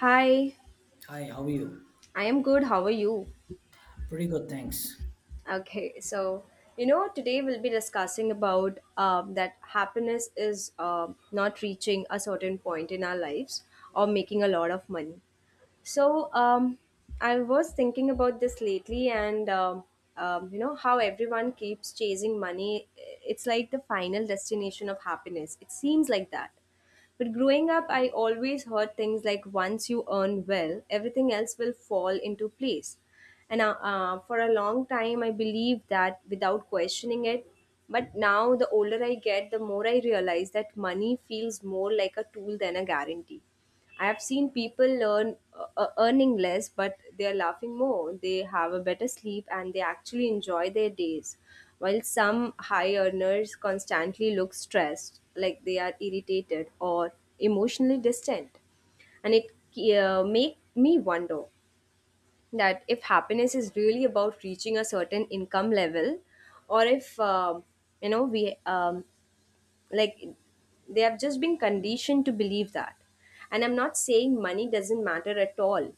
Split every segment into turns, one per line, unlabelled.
Hi,
Hi, how are you?
I am good. How are you?
Pretty good, thanks.
Okay, so today we'll be discussing about that happiness is not reaching a certain point in our lives or making a lot of money. So um, I was thinking about this lately, and how everyone keeps chasing money. It's like the final destination of happiness. It seems like that. But growing up, I always heard things like once you earn well, everything else will fall into place. And for a long time, I believed that without questioning it. But now, the older I get, the more I realize that money feels more like a tool than a guarantee. I have seen people learn earning less, but they are laughing more. They have a better sleep and they actually enjoy their days. While some high earners constantly look stressed, like they are irritated or emotionally distant, and it make me wonder that if happiness is really about reaching a certain income level, or if we like they have just been conditioned to believe that. And I'm not saying money doesn't matter at all,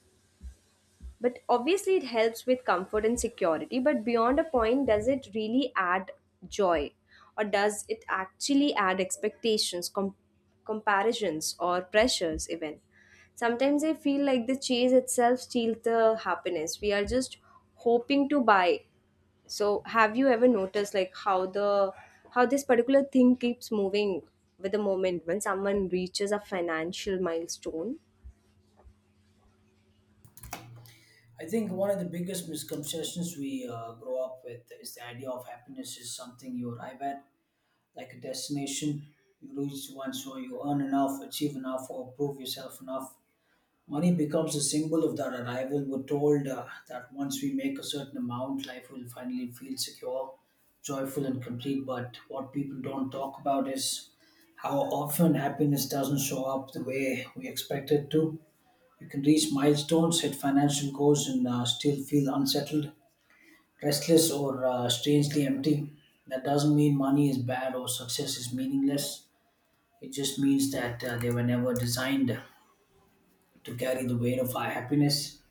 but obviously it helps with comfort and security. But beyond a point, does it really add joy, or does it actually add expectations, comparisons, or pressures even? Sometimes I feel like the chase itself steals the happiness we are just hoping to buy. So have you ever noticed how this particular thing keeps moving with the moment when someone reaches a financial milestone?
I think one of the biggest misconceptions we grow up with is the idea of happiness is something you arrive at, like a destination. You reach once or you earn enough, achieve enough, or prove yourself enough. Money becomes a symbol of that arrival. We're told that once we make a certain amount, life will finally feel secure, joyful, and complete. But what people don't talk about is how often happiness doesn't show up the way we expect it to. You can reach milestones, hit financial goals, and still feel unsettled, restless, or strangely empty. That doesn't mean money is bad or success is meaningless. It just means that they were never designed to carry the weight of our happiness.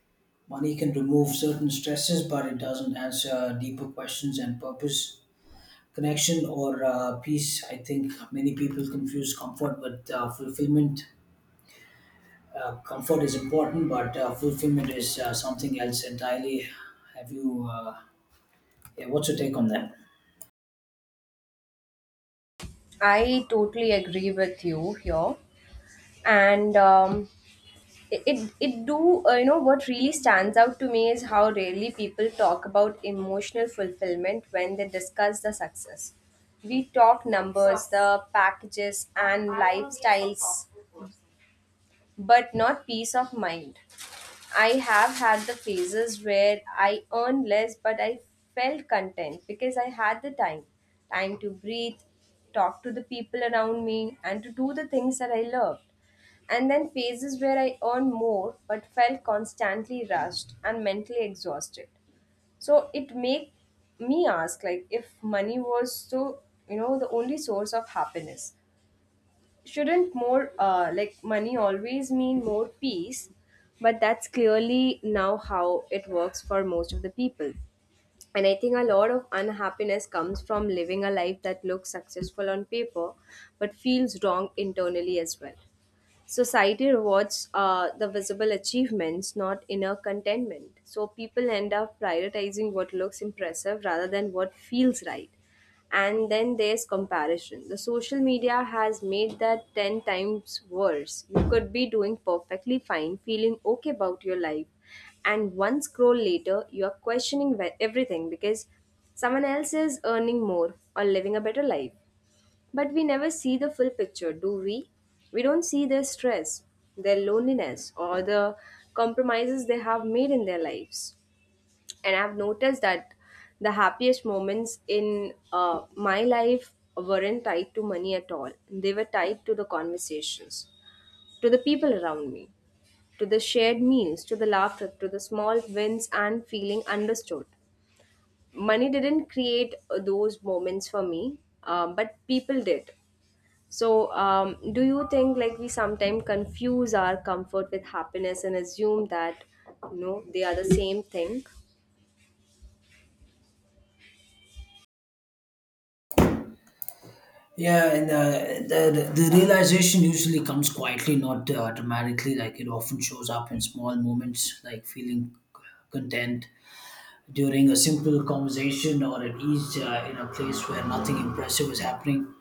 Money can remove certain stresses, but it doesn't answer deeper questions and purpose, connection, or peace. I think many people confuse comfort with fulfillment. Comfort is important, but fulfillment is something else entirely. Have you? Yeah, what's your take on that?
I totally agree with you here. And it, it, it do, you know, what really stands out to me is how rarely people talk about emotional fulfillment when they discuss the success. We talk numbers, the packages, and lifestyles, but not peace of mind. I have had the phases where I earned less, but I felt content because I had the time to breathe, talk to the people around me, and to do the things that I loved. And then phases where I earned more but felt constantly rushed and mentally exhausted. So it made me ask, like, if money was so, the only source of happiness, shouldn't more like money always mean more peace? But that's clearly now how it works for most of the people. And I think a lot of unhappiness comes from living a life that looks successful on paper but feels wrong internally as well. Society rewards the visible achievements, not inner contentment. So people end up prioritizing what looks impressive rather than what feels right. And then there's comparison. The social media has made that 10 times worse. You could be doing perfectly fine, feeling okay about your life, and one scroll later, you are questioning everything because someone else is earning more or living a better life. But we never see the full picture, do we? We don't see their stress, their loneliness, or the compromises they have made in their lives. And I've noticed that the happiest moments in my life weren't tied to money at all. They were tied to the conversations, to the people around me, to the shared meals, to the laughter, to the small wins, and feeling understood. Money didn't create those moments for me, but people did. So, do you think, like, we sometimes confuse our comfort with happiness and assume that, they are the same thing?
Yeah, and the realization usually comes quietly, not dramatically. Like it often shows up in small moments, like feeling content during a simple conversation or at ease in a place where nothing impressive is happening.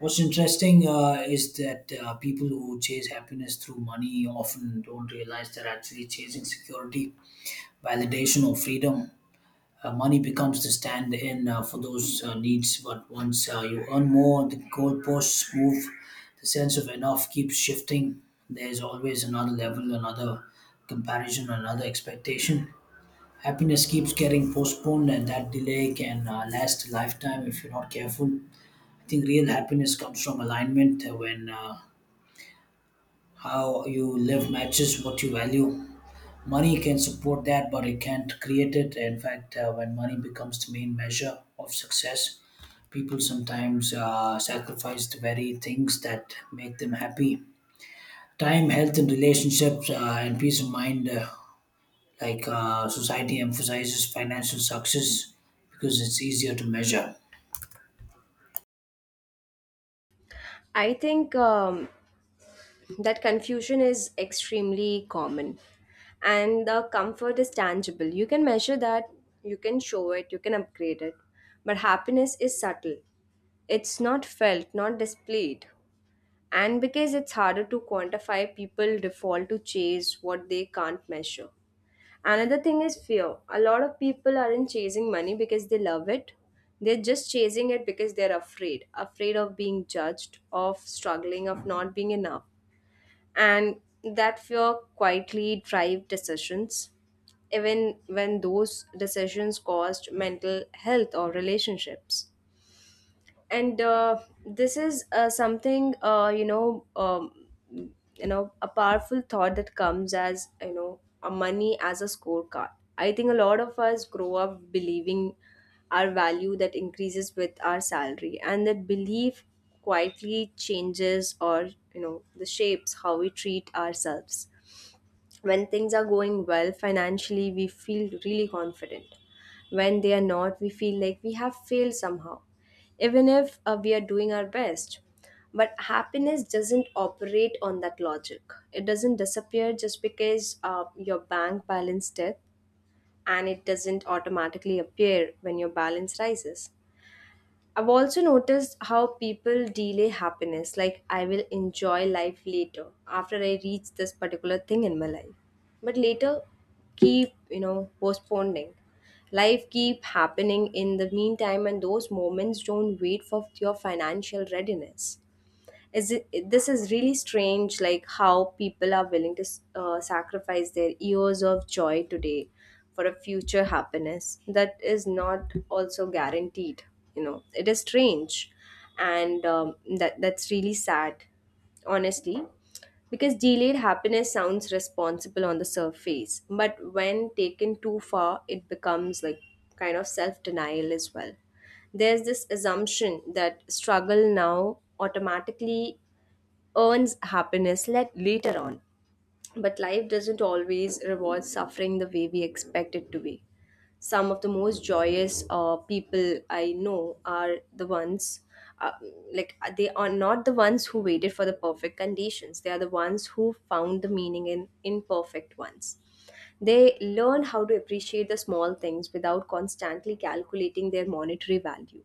What's interesting is that people who chase happiness through money often don't realize they're actually chasing security, validation, or freedom. Money becomes the stand in for those needs, but once you earn more, the goalposts move, the sense of enough keeps shifting. There's always another level, another comparison, another expectation. Happiness keeps getting postponed, and that delay can last a lifetime if you're not careful. I think real happiness comes from alignment, when how you live matches what you value. Money can support that, but it can't create it. In fact, when money becomes the main measure of success, people sometimes sacrifice the very things that make them happy: time, health, and relationships, and peace of mind. Society emphasizes financial success because it's easier to measure.
I think that confusion is extremely common, and the comfort is tangible. You can measure that, you can show it, you can upgrade it, but happiness is subtle. It's not felt, not displayed. And because it's harder to quantify, people default to chase what they can't measure. Another thing is fear. A lot of people aren't chasing money because they love it. They're just chasing it because they're afraid. Afraid of being judged, of struggling, of not being enough. And that fear quietly drives decisions, even when those decisions cost mental health or relationships. And this is something you know a powerful thought that comes as, a money as a scorecard. I think a lot of us grow up believing our value that increases with our salary, and that belief quietly changes, or, the shapes how we treat ourselves. When things are going well financially, we feel really confident. When they are not, we feel like we have failed somehow, even if we are doing our best. But happiness doesn't operate on that logic. It doesn't disappear just because your bank balance dips, and it doesn't automatically appear when your balance rises. I've also noticed how people delay happiness, like, I will enjoy life later after I reach this particular thing in my life. But later keep postponing. Life keep happening in the meantime, and those moments don't wait for your financial readiness. This is really strange, like how people are willing to sacrifice their years of joy today for a future happiness that is not also guaranteed. It is strange, and that's really sad, honestly, because delayed happiness sounds responsible on the surface, but when taken too far, it becomes like kind of self denial as well. There's this assumption that struggle now automatically earns happiness later on. But life doesn't always reward suffering the way we expect it to be. Some of the most joyous people I know are the ones, uh, they are not the ones who waited for the perfect conditions. They are the ones who found the meaning in imperfect ones. They learn how to appreciate the small things without constantly calculating their monetary value.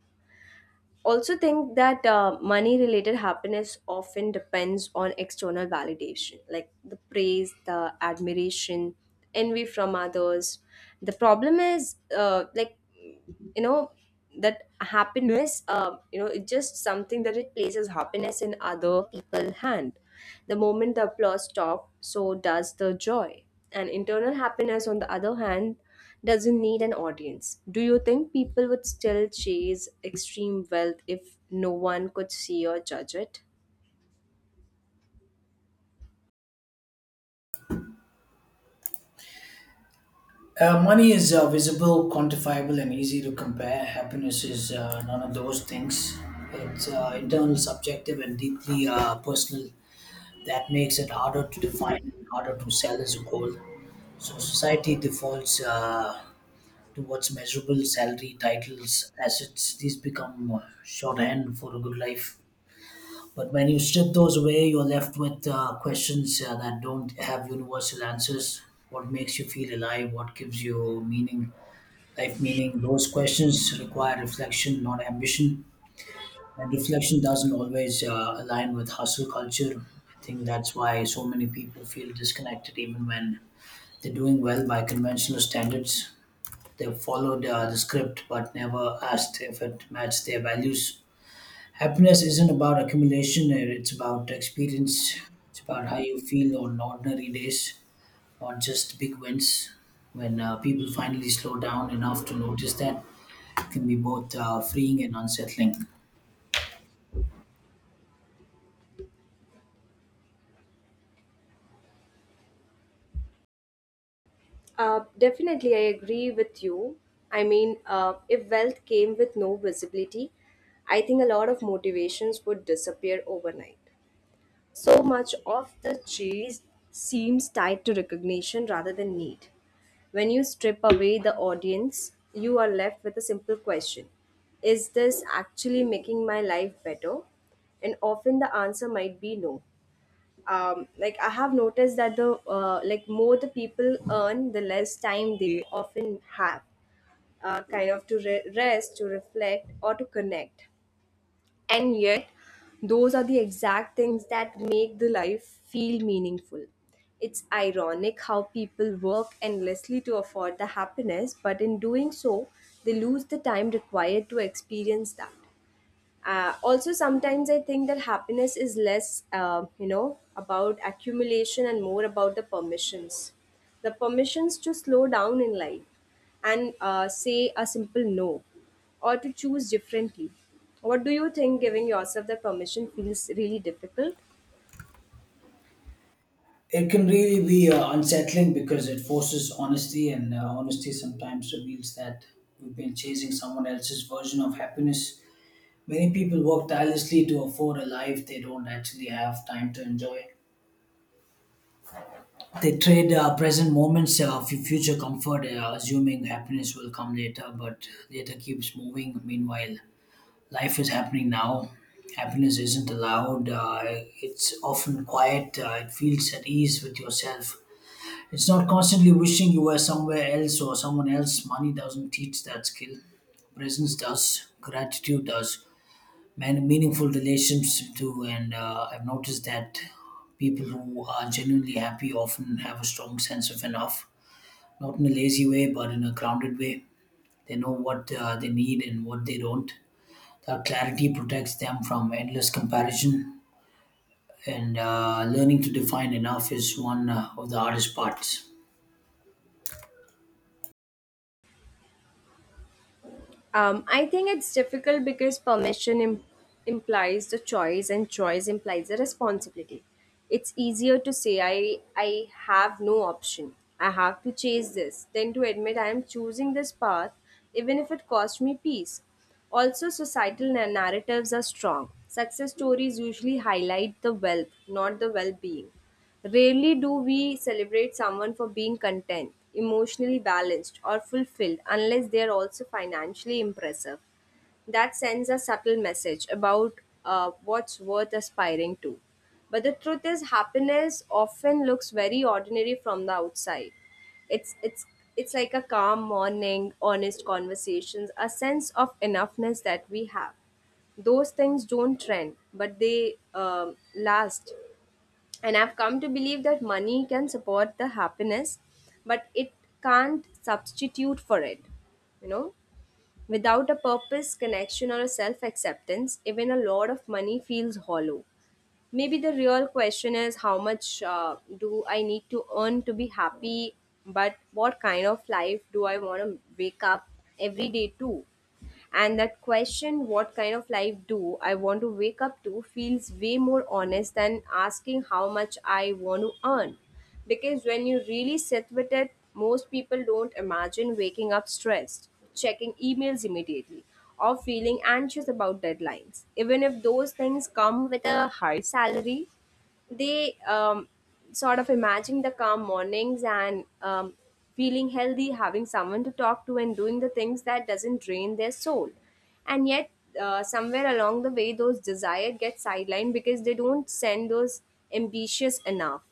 Also think that money related happiness often depends on external validation, like the praise, the admiration, envy from others. The problem is, you know that happiness, it's just something that it places happiness in other people's hand. The moment the applause stops, so does the joy. And internal happiness, on the other hand, doesn't need an audience. Do you think people would still chase extreme wealth if no one could see or judge it?
Money is visible, quantifiable, and easy to compare. Happiness is none of those things. It's internal, subjective, and deeply personal. That makes it harder to define and harder to sell as a goal. So society defaults towards measurable salary, titles, assets. These become shorthand for a good life. But when you strip those away, you're left with questions that don't have universal answers. What makes you feel alive? What gives you meaning, life meaning? Those questions require reflection, not ambition, and reflection doesn't always align with hustle culture. I think that's why so many people feel disconnected even when they're doing well by conventional standards. They've followed the script but never asked if it matched their values. Happiness isn't about accumulation, it's about experience. It's about how you feel on ordinary days, not just big wins. When people finally slow down enough to notice that, it can be both freeing and unsettling.
Definitely, I agree with you. I mean, if wealth came with no visibility, I think a lot of motivations would disappear overnight. So much of the chase seems tied to recognition rather than need. When you strip away the audience, you are left with a simple question. Is this actually making my life better? And often the answer might be no. Like, I have noticed that the like more the people earn, the less time they often have, kind of to rest, to reflect, or to connect. And yet, those are the exact things that make the life feel meaningful. It's ironic how people work endlessly to afford the happiness, but in doing so, they lose the time required to experience that. Also sometimes I think that happiness is less, about accumulation and more about the permissions, the permissions to slow down in life, and say a simple no, or to choose differently. What do you think? Giving yourself that permission feels really difficult.
It can really be unsettling because it forces honesty, and honesty sometimes reveals that we've been chasing someone else's version of happiness. Many people work tirelessly to afford a life they don't actually have time to enjoy. They trade present moments for future comfort, assuming happiness will come later, but later keeps moving. Meanwhile, life is happening now. Happiness isn't allowed, it's often quiet, it feels at ease with yourself. It's not constantly wishing you were somewhere else or someone else. Money doesn't teach that skill. Presence does. Gratitude does. Man, meaningful relationships do. And I've noticed that people who are genuinely happy often have a strong sense of enough. Not in a lazy way, but in a grounded way. They know what they need and what they don't. That clarity protects them from endless comparison. And learning to define enough is one of the hardest parts.
I think it's difficult because permission implies the choice, and choice implies the responsibility. It's easier to say, I have no option. I have to chase this, than to admit I am choosing this path, even if it costs me peace. Also, societal narratives are strong. Success stories usually highlight the wealth, not the well-being. Rarely do we celebrate someone for being content, emotionally balanced, or fulfilled unless they are also financially impressive. That sends a subtle message about what's worth aspiring to. But the truth is, happiness often looks very ordinary from the outside. It's it's it's like a calm morning, honest conversations, a sense of enoughness that we have. Those things don't trend, but they last. And I've come to believe that money can support the happiness, but it can't substitute for it, you know. Without a purpose, connection, or a self acceptance, even a lot of money feels hollow. Maybe the real question is how much do I need to earn to be happy, but what kind of life do I want to wake up every day to? And that question, what kind of life do I want to wake up to, feels way more honest than asking how much I want to earn. Because when you really sit with it, most people don't imagine waking up stressed, checking emails immediately, or feeling anxious about deadlines. Even if those things come with a high salary, they sort of imagine the calm mornings and feeling healthy, having someone to talk to, and doing the things that doesn't drain their soul. And yet, somewhere along the way, those desires get sidelined because they don't send those ambitious enough.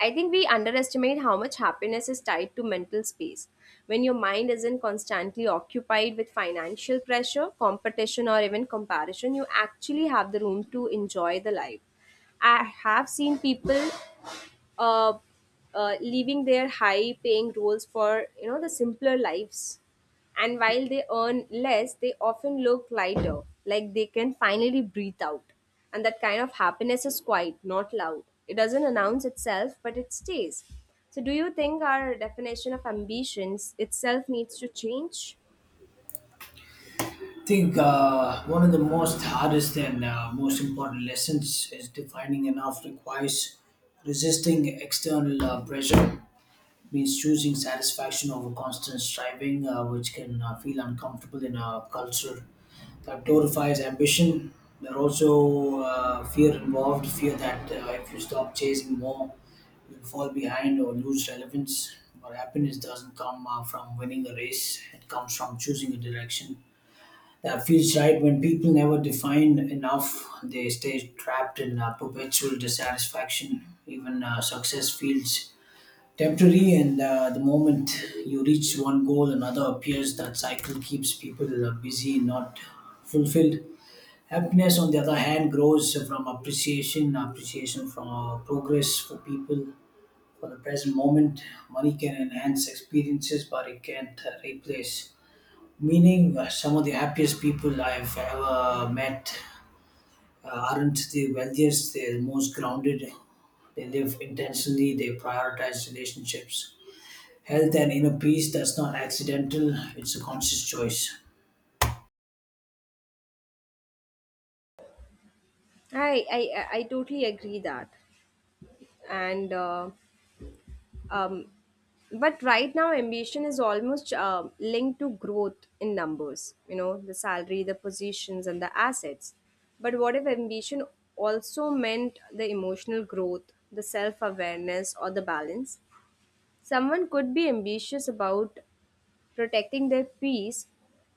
I think we underestimate how much happiness is tied to mental space. When your mind isn't constantly occupied with financial pressure, competition, or even comparison, you actually have the room to enjoy the life. I have seen people uh, leaving their high paying roles for the simpler lives, and while they earn less, they often look lighter, like they can finally breathe out. And that kind of happiness is quiet, not loud. It doesn't announce itself, but it stays. So do you think our definition of ambitions itself needs to change?
I think one of the most hardest and most important lessons is defining enough requires resisting external pressure. It means choosing satisfaction over constant striving, which can feel uncomfortable in a culture that glorifies ambition. There are also fear involved, fear that if you stop chasing more, you'll fall behind or lose relevance. But happiness doesn't come from winning a race, it comes from choosing a direction that feels right. When people never define enough, they stay trapped in perpetual dissatisfaction. Even success feels temporary, and the moment you reach one goal, another appears. That cycle keeps people busy, not fulfilled. Happiness, on the other hand, grows from appreciation, appreciation from progress, for people, for the present moment. Money can enhance experiences, but it can't replace meaning. Some of the happiest people I've ever met aren't the wealthiest, they're the most grounded, they live intentionally, they prioritize relationships, health, and inner peace. That's not accidental, it's a conscious choice.
I totally agree that. And uh, Um, but right now, ambition is almost linked to growth in numbers, you know, the salary, the positions, and the assets. But what if ambition also meant the emotional growth, the self awareness, or the balance? Someone could be ambitious about protecting their peace,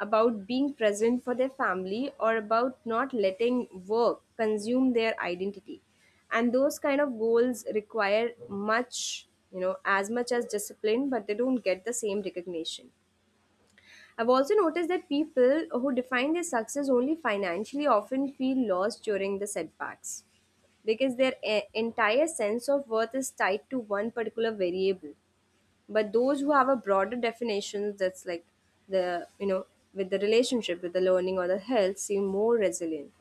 about being present for their family, or about not letting work consume their identity. And those kind of goals require much, you know, as much as discipline, but they don't get the same recognition. I've also noticed that people who define their success only financially often feel lost during the setbacks, because their entire sense of worth is tied to one particular variable. But those who have a broader definition, that's like, the you know with the relationship, with the learning, or the health, seem more resilient.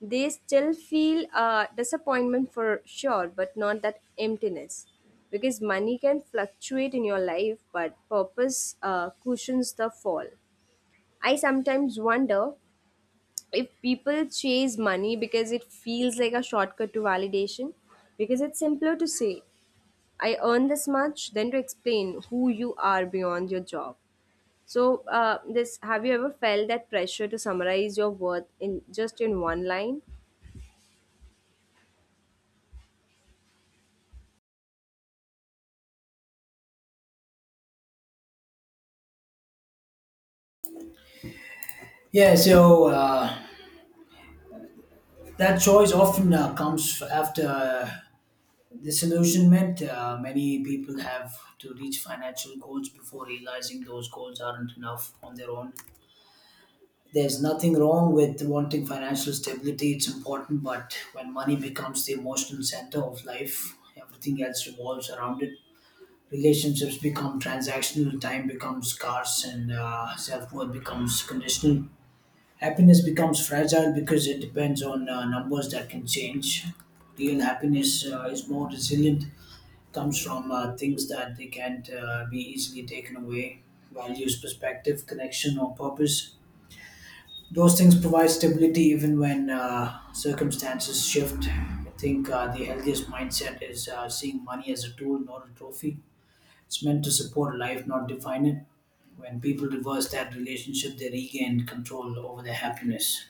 They still feel disappointment, for sure, but not that emptiness, because money can fluctuate in your life, but purpose cushions the fall. I sometimes wonder if people chase money because it feels like a shortcut to validation, because it's simpler to say I earn this much than to explain who you are beyond your job. So, this, have you ever felt that pressure to summarize your worth in just in one line?
Yeah, so that choice often comes after disillusionment. Many people have to reach financial goals before realizing those goals aren't enough on their own. There's nothing wrong with wanting financial stability, it's important, but when money becomes the emotional center of life, everything else revolves around it. Relationships become transactional, time becomes scarce, and self worth becomes conditional. Happiness becomes fragile because it depends on numbers that can change. Real happiness is more resilient, comes from things that they can't be easily taken away: values, perspective, connection, or purpose. Those things provide stability even when circumstances shift. I think the healthiest mindset is seeing money as a tool, not a trophy. It's meant to support life, not define it. When people reverse that relationship, they regain control over their happiness.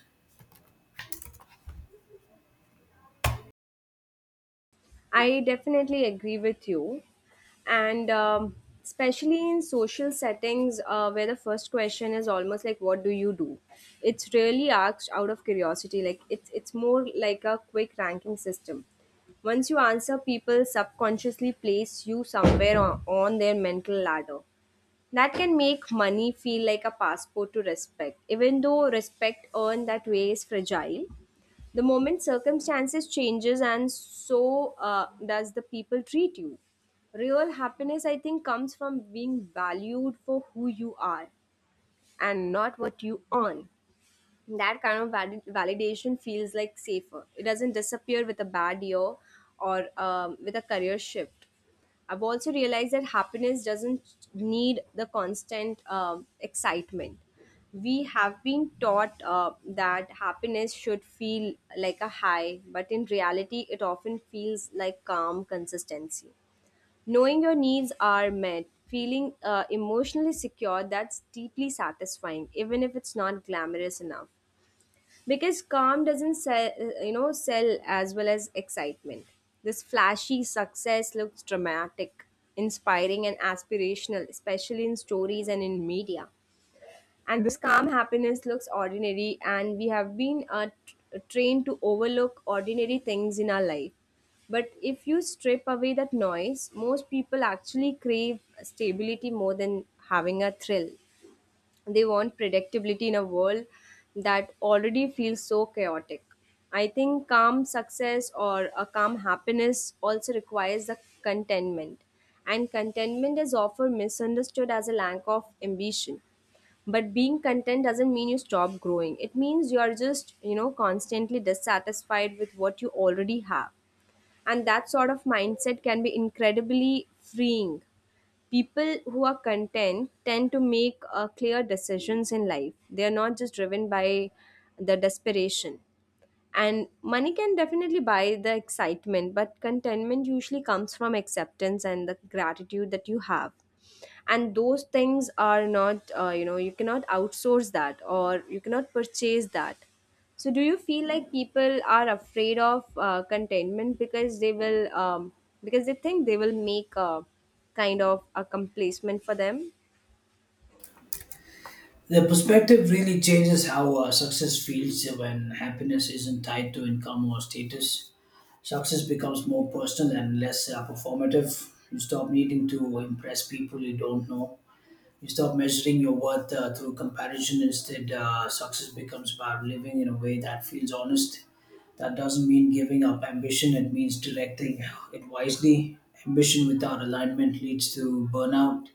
I definitely agree with you, and especially in social settings where the first question is almost like "What do you do?" It's really asked out of curiosity. Like, it's more like a quick ranking system. Once you answer, people subconsciously place you somewhere on their mental ladder. That can make money feel like a passport to respect, even though respect earned that way is fragile. The moment circumstances changes, and so does the people treat you. Real happiness, I think, comes from being valued for who you are and not what you earn. That kind of validation feels like safer. It doesn't disappear with a bad year or with a career shift. I've also realized that happiness doesn't need the constant excitement. We have been taught that happiness should feel like a high, but in reality, it often feels like calm consistency. Knowing your needs are met, feeling emotionally secure, that's deeply satisfying, even if it's not glamorous enough, because calm doesn't sell, sell as well as excitement. This flashy success looks dramatic, inspiring, and aspirational, especially in stories and in media. And this calm happiness looks ordinary, and we have been trained to overlook ordinary things in our life. But if you strip away that noise, most people actually crave stability more than having a thrill. They want predictability in a world that already feels so chaotic. I think calm success, or a calm happiness, also requires the contentment. And contentment is often misunderstood as a lack of ambition. But being content doesn't mean you stop growing. It means you are just, you know, constantly dissatisfied with what you already have. And that sort of mindset can be incredibly freeing. People who are content tend to make clear decisions in life. They are not just driven by the desperation. And money can definitely buy the excitement, but contentment usually comes from acceptance and the gratitude that you have. And those things are not, you know, you cannot outsource that or you cannot purchase that. So, do you feel like people are afraid of contentment because they will, because they think they will make a kind of a complacement for them?
The perspective really changes how success feels when happiness isn't tied to income or status. Success becomes more personal and less performative. You stop needing to impress people you don't know. You stop measuring your worth through comparison. Instead, success becomes about living in a way that feels honest. That doesn't mean giving up ambition, it means directing it wisely. Ambition without alignment leads to burnout.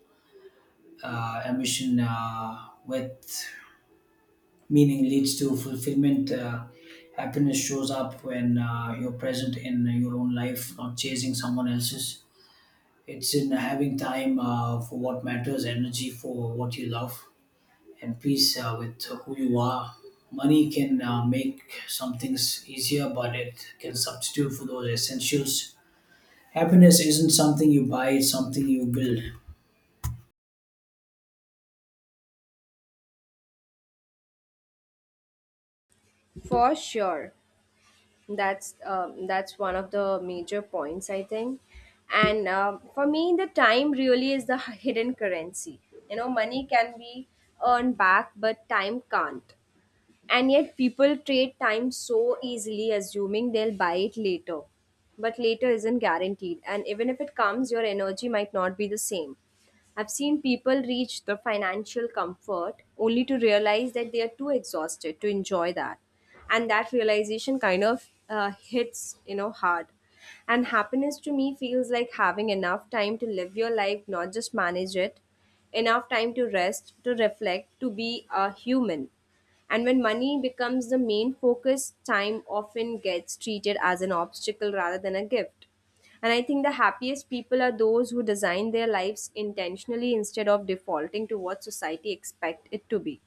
Ambition with meaning leads to fulfillment. Happiness shows up when you're present in your own life, not chasing someone else's. It's in having time for what matters, energy for what you love, and peace with who you are. Money can make some things easier, but it can substitute for those essentials. Happiness isn't something you buy, it's something you build.
For sure. That's one of the major points, I think. And for me, the time really is the hidden currency. You know, money can be earned back, but time can't. And yet, people trade time so easily, assuming they'll buy it later. But later isn't guaranteed, and even if it comes, your energy might not be the same. I've seen people reach the financial comfort only to realize that they are too exhausted to enjoy that. And that realization kind of hits, you know, hard. And happiness, to me, feels like having enough time to live your life, not just manage it, enough time to rest, to reflect, to be a human. And when money becomes the main focus, time often gets treated as an obstacle rather than a gift. And I think the happiest people are those who design their lives intentionally instead of defaulting to what society expects it to be.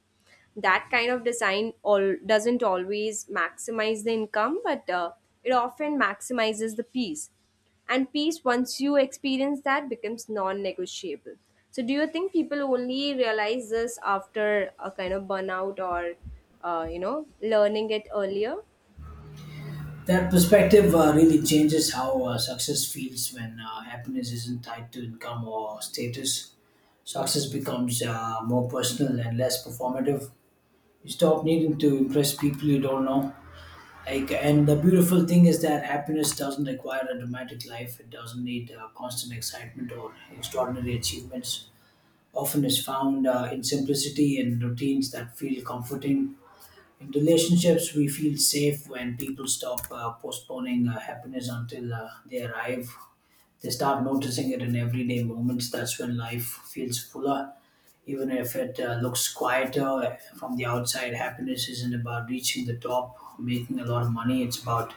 That kind of design all doesn't always maximize the income, but it often maximizes the peace. And peace, once you experience that, becomes non-negotiable. So do you think people only realize this after a kind of burnout, or you know, learning it earlier?
That perspective really changes how success feels when happiness isn't tied to income or status. Success becomes more personal and less performative. You stop needing to impress people you don't know. Like, and the beautiful thing is that happiness doesn't require a dramatic life. It doesn't need constant excitement or extraordinary achievements. Often is found in simplicity and routines that feel comforting. In relationships, we feel safe when people stop postponing happiness until they arrive. They start noticing it in everyday moments. That's when life feels fuller. Even if it looks quieter from the outside, happiness isn't about reaching the top, making a lot of money. It's about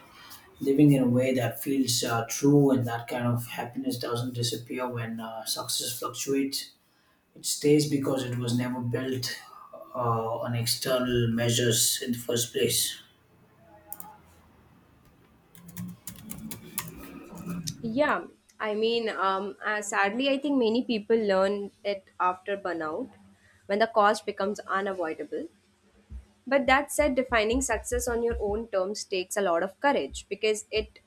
living in a way that feels true, and that kind of happiness doesn't disappear when success fluctuates. It stays because it was never built on external measures in the first place.
Yeah, I mean, sadly I think many people learn it after burnout, when the cost becomes unavoidable. But that said, defining success on your own terms takes a lot of courage, because it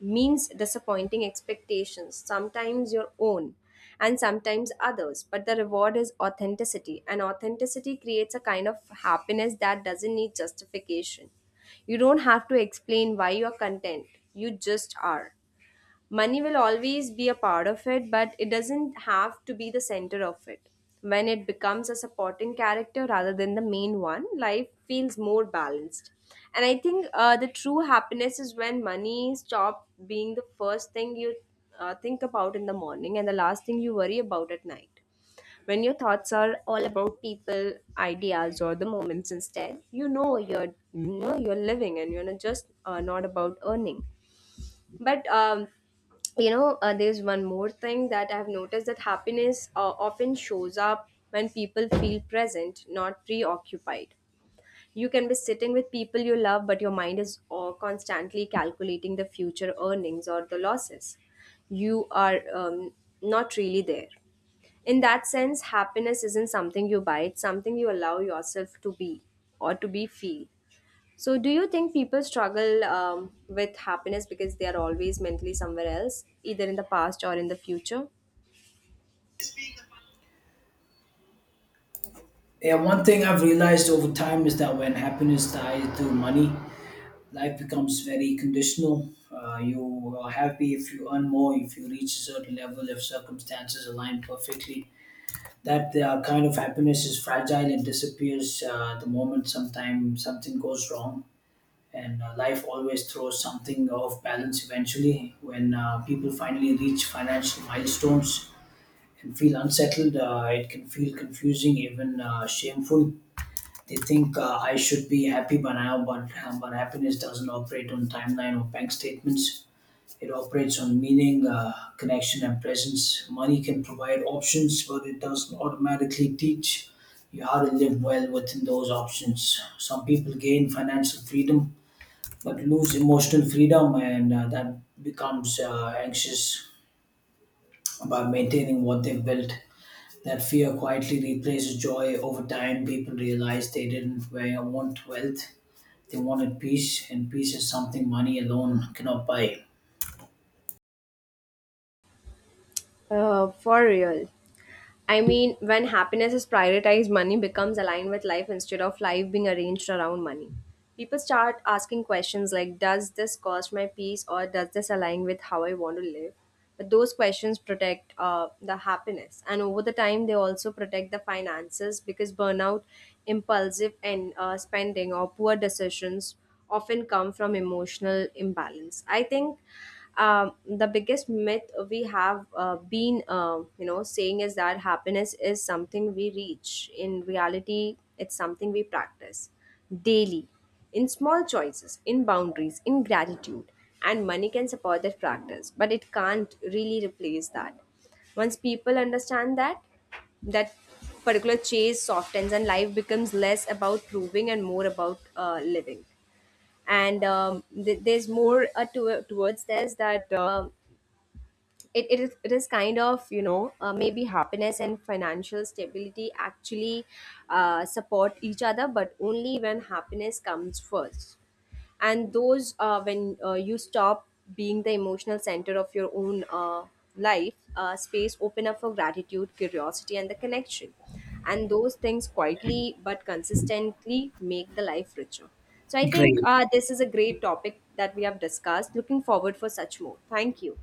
means disappointing expectations, sometimes your own and sometimes others. But the reward is authenticity, and authenticity creates a kind of happiness that doesn't need justification. You don't have to explain why you're content, you just are. Money will always be a part of it, but it doesn't have to be the center of it. When it becomes a supporting character rather than the main one, life feels more balanced. And I think the true happiness is when money stops being the first thing you think about in the morning and the last thing you worry about at night. When your thoughts are all about people, ideas, or the moments instead, you know you're living, and you're not just not about earning. But you know, there's one more thing that I've noticed, that happiness often shows up when people feel present, not preoccupied. You can be sitting with people you love, but your mind is constantly calculating the future earnings or the losses. You are, not really there. In that sense, happiness isn't something you buy, it's something you allow yourself to be, or to be feel. So, do you think people struggle with happiness because they are always mentally somewhere else, either in the past or in the future?
Yeah, one thing I've realized over time is that when happiness ties to money, life becomes very conditional. You are happy if you earn more, if you reach a certain level, if circumstances align perfectly. That kind of happiness is fragile and disappears the moment sometimes something goes wrong, and life always throws something off balance eventually. When people finally reach financial milestones and feel unsettled, it can feel confusing, even shameful. They think, I should be happy by now, but happiness doesn't operate on timeline or bank statements. It operates on meaning, connection, and presence. Money can provide options, but it doesn't automatically teach you how to live well within those options. Some people gain financial freedom but lose emotional freedom, and that becomes anxious about maintaining what they've built. That fear quietly replaces joy over time. People realize they didn't want wealth, they wanted peace, and peace is something money alone cannot buy.
For real. I mean, when happiness is prioritized, money becomes aligned with life instead of life being arranged around money. People start asking questions like, does this cost my peace, or does this align with how I want to live? But those questions protect the happiness. And over the time, they also protect the finances, because burnout, impulsive and spending, or poor decisions often come from emotional imbalance. I think the biggest myth we have you know, saying is that happiness is something we reach. In reality, it's something we practice daily, in small choices, in boundaries, in gratitude. And money can support that practice, but it can't really replace that. Once people understand that, that particular chase softens, and life becomes less about proving and more about living. And there's more towards this, that it, it is kind of, you know, maybe happiness and financial stability actually support each other, but only when happiness comes first. And those when you stop being the emotional center of your own life, space open up for gratitude, curiosity, and the connection. And those things quietly but consistently make the life richer. So I think,
Great.
this is a great topic that we have discussed. Looking forward for such more. Thank you.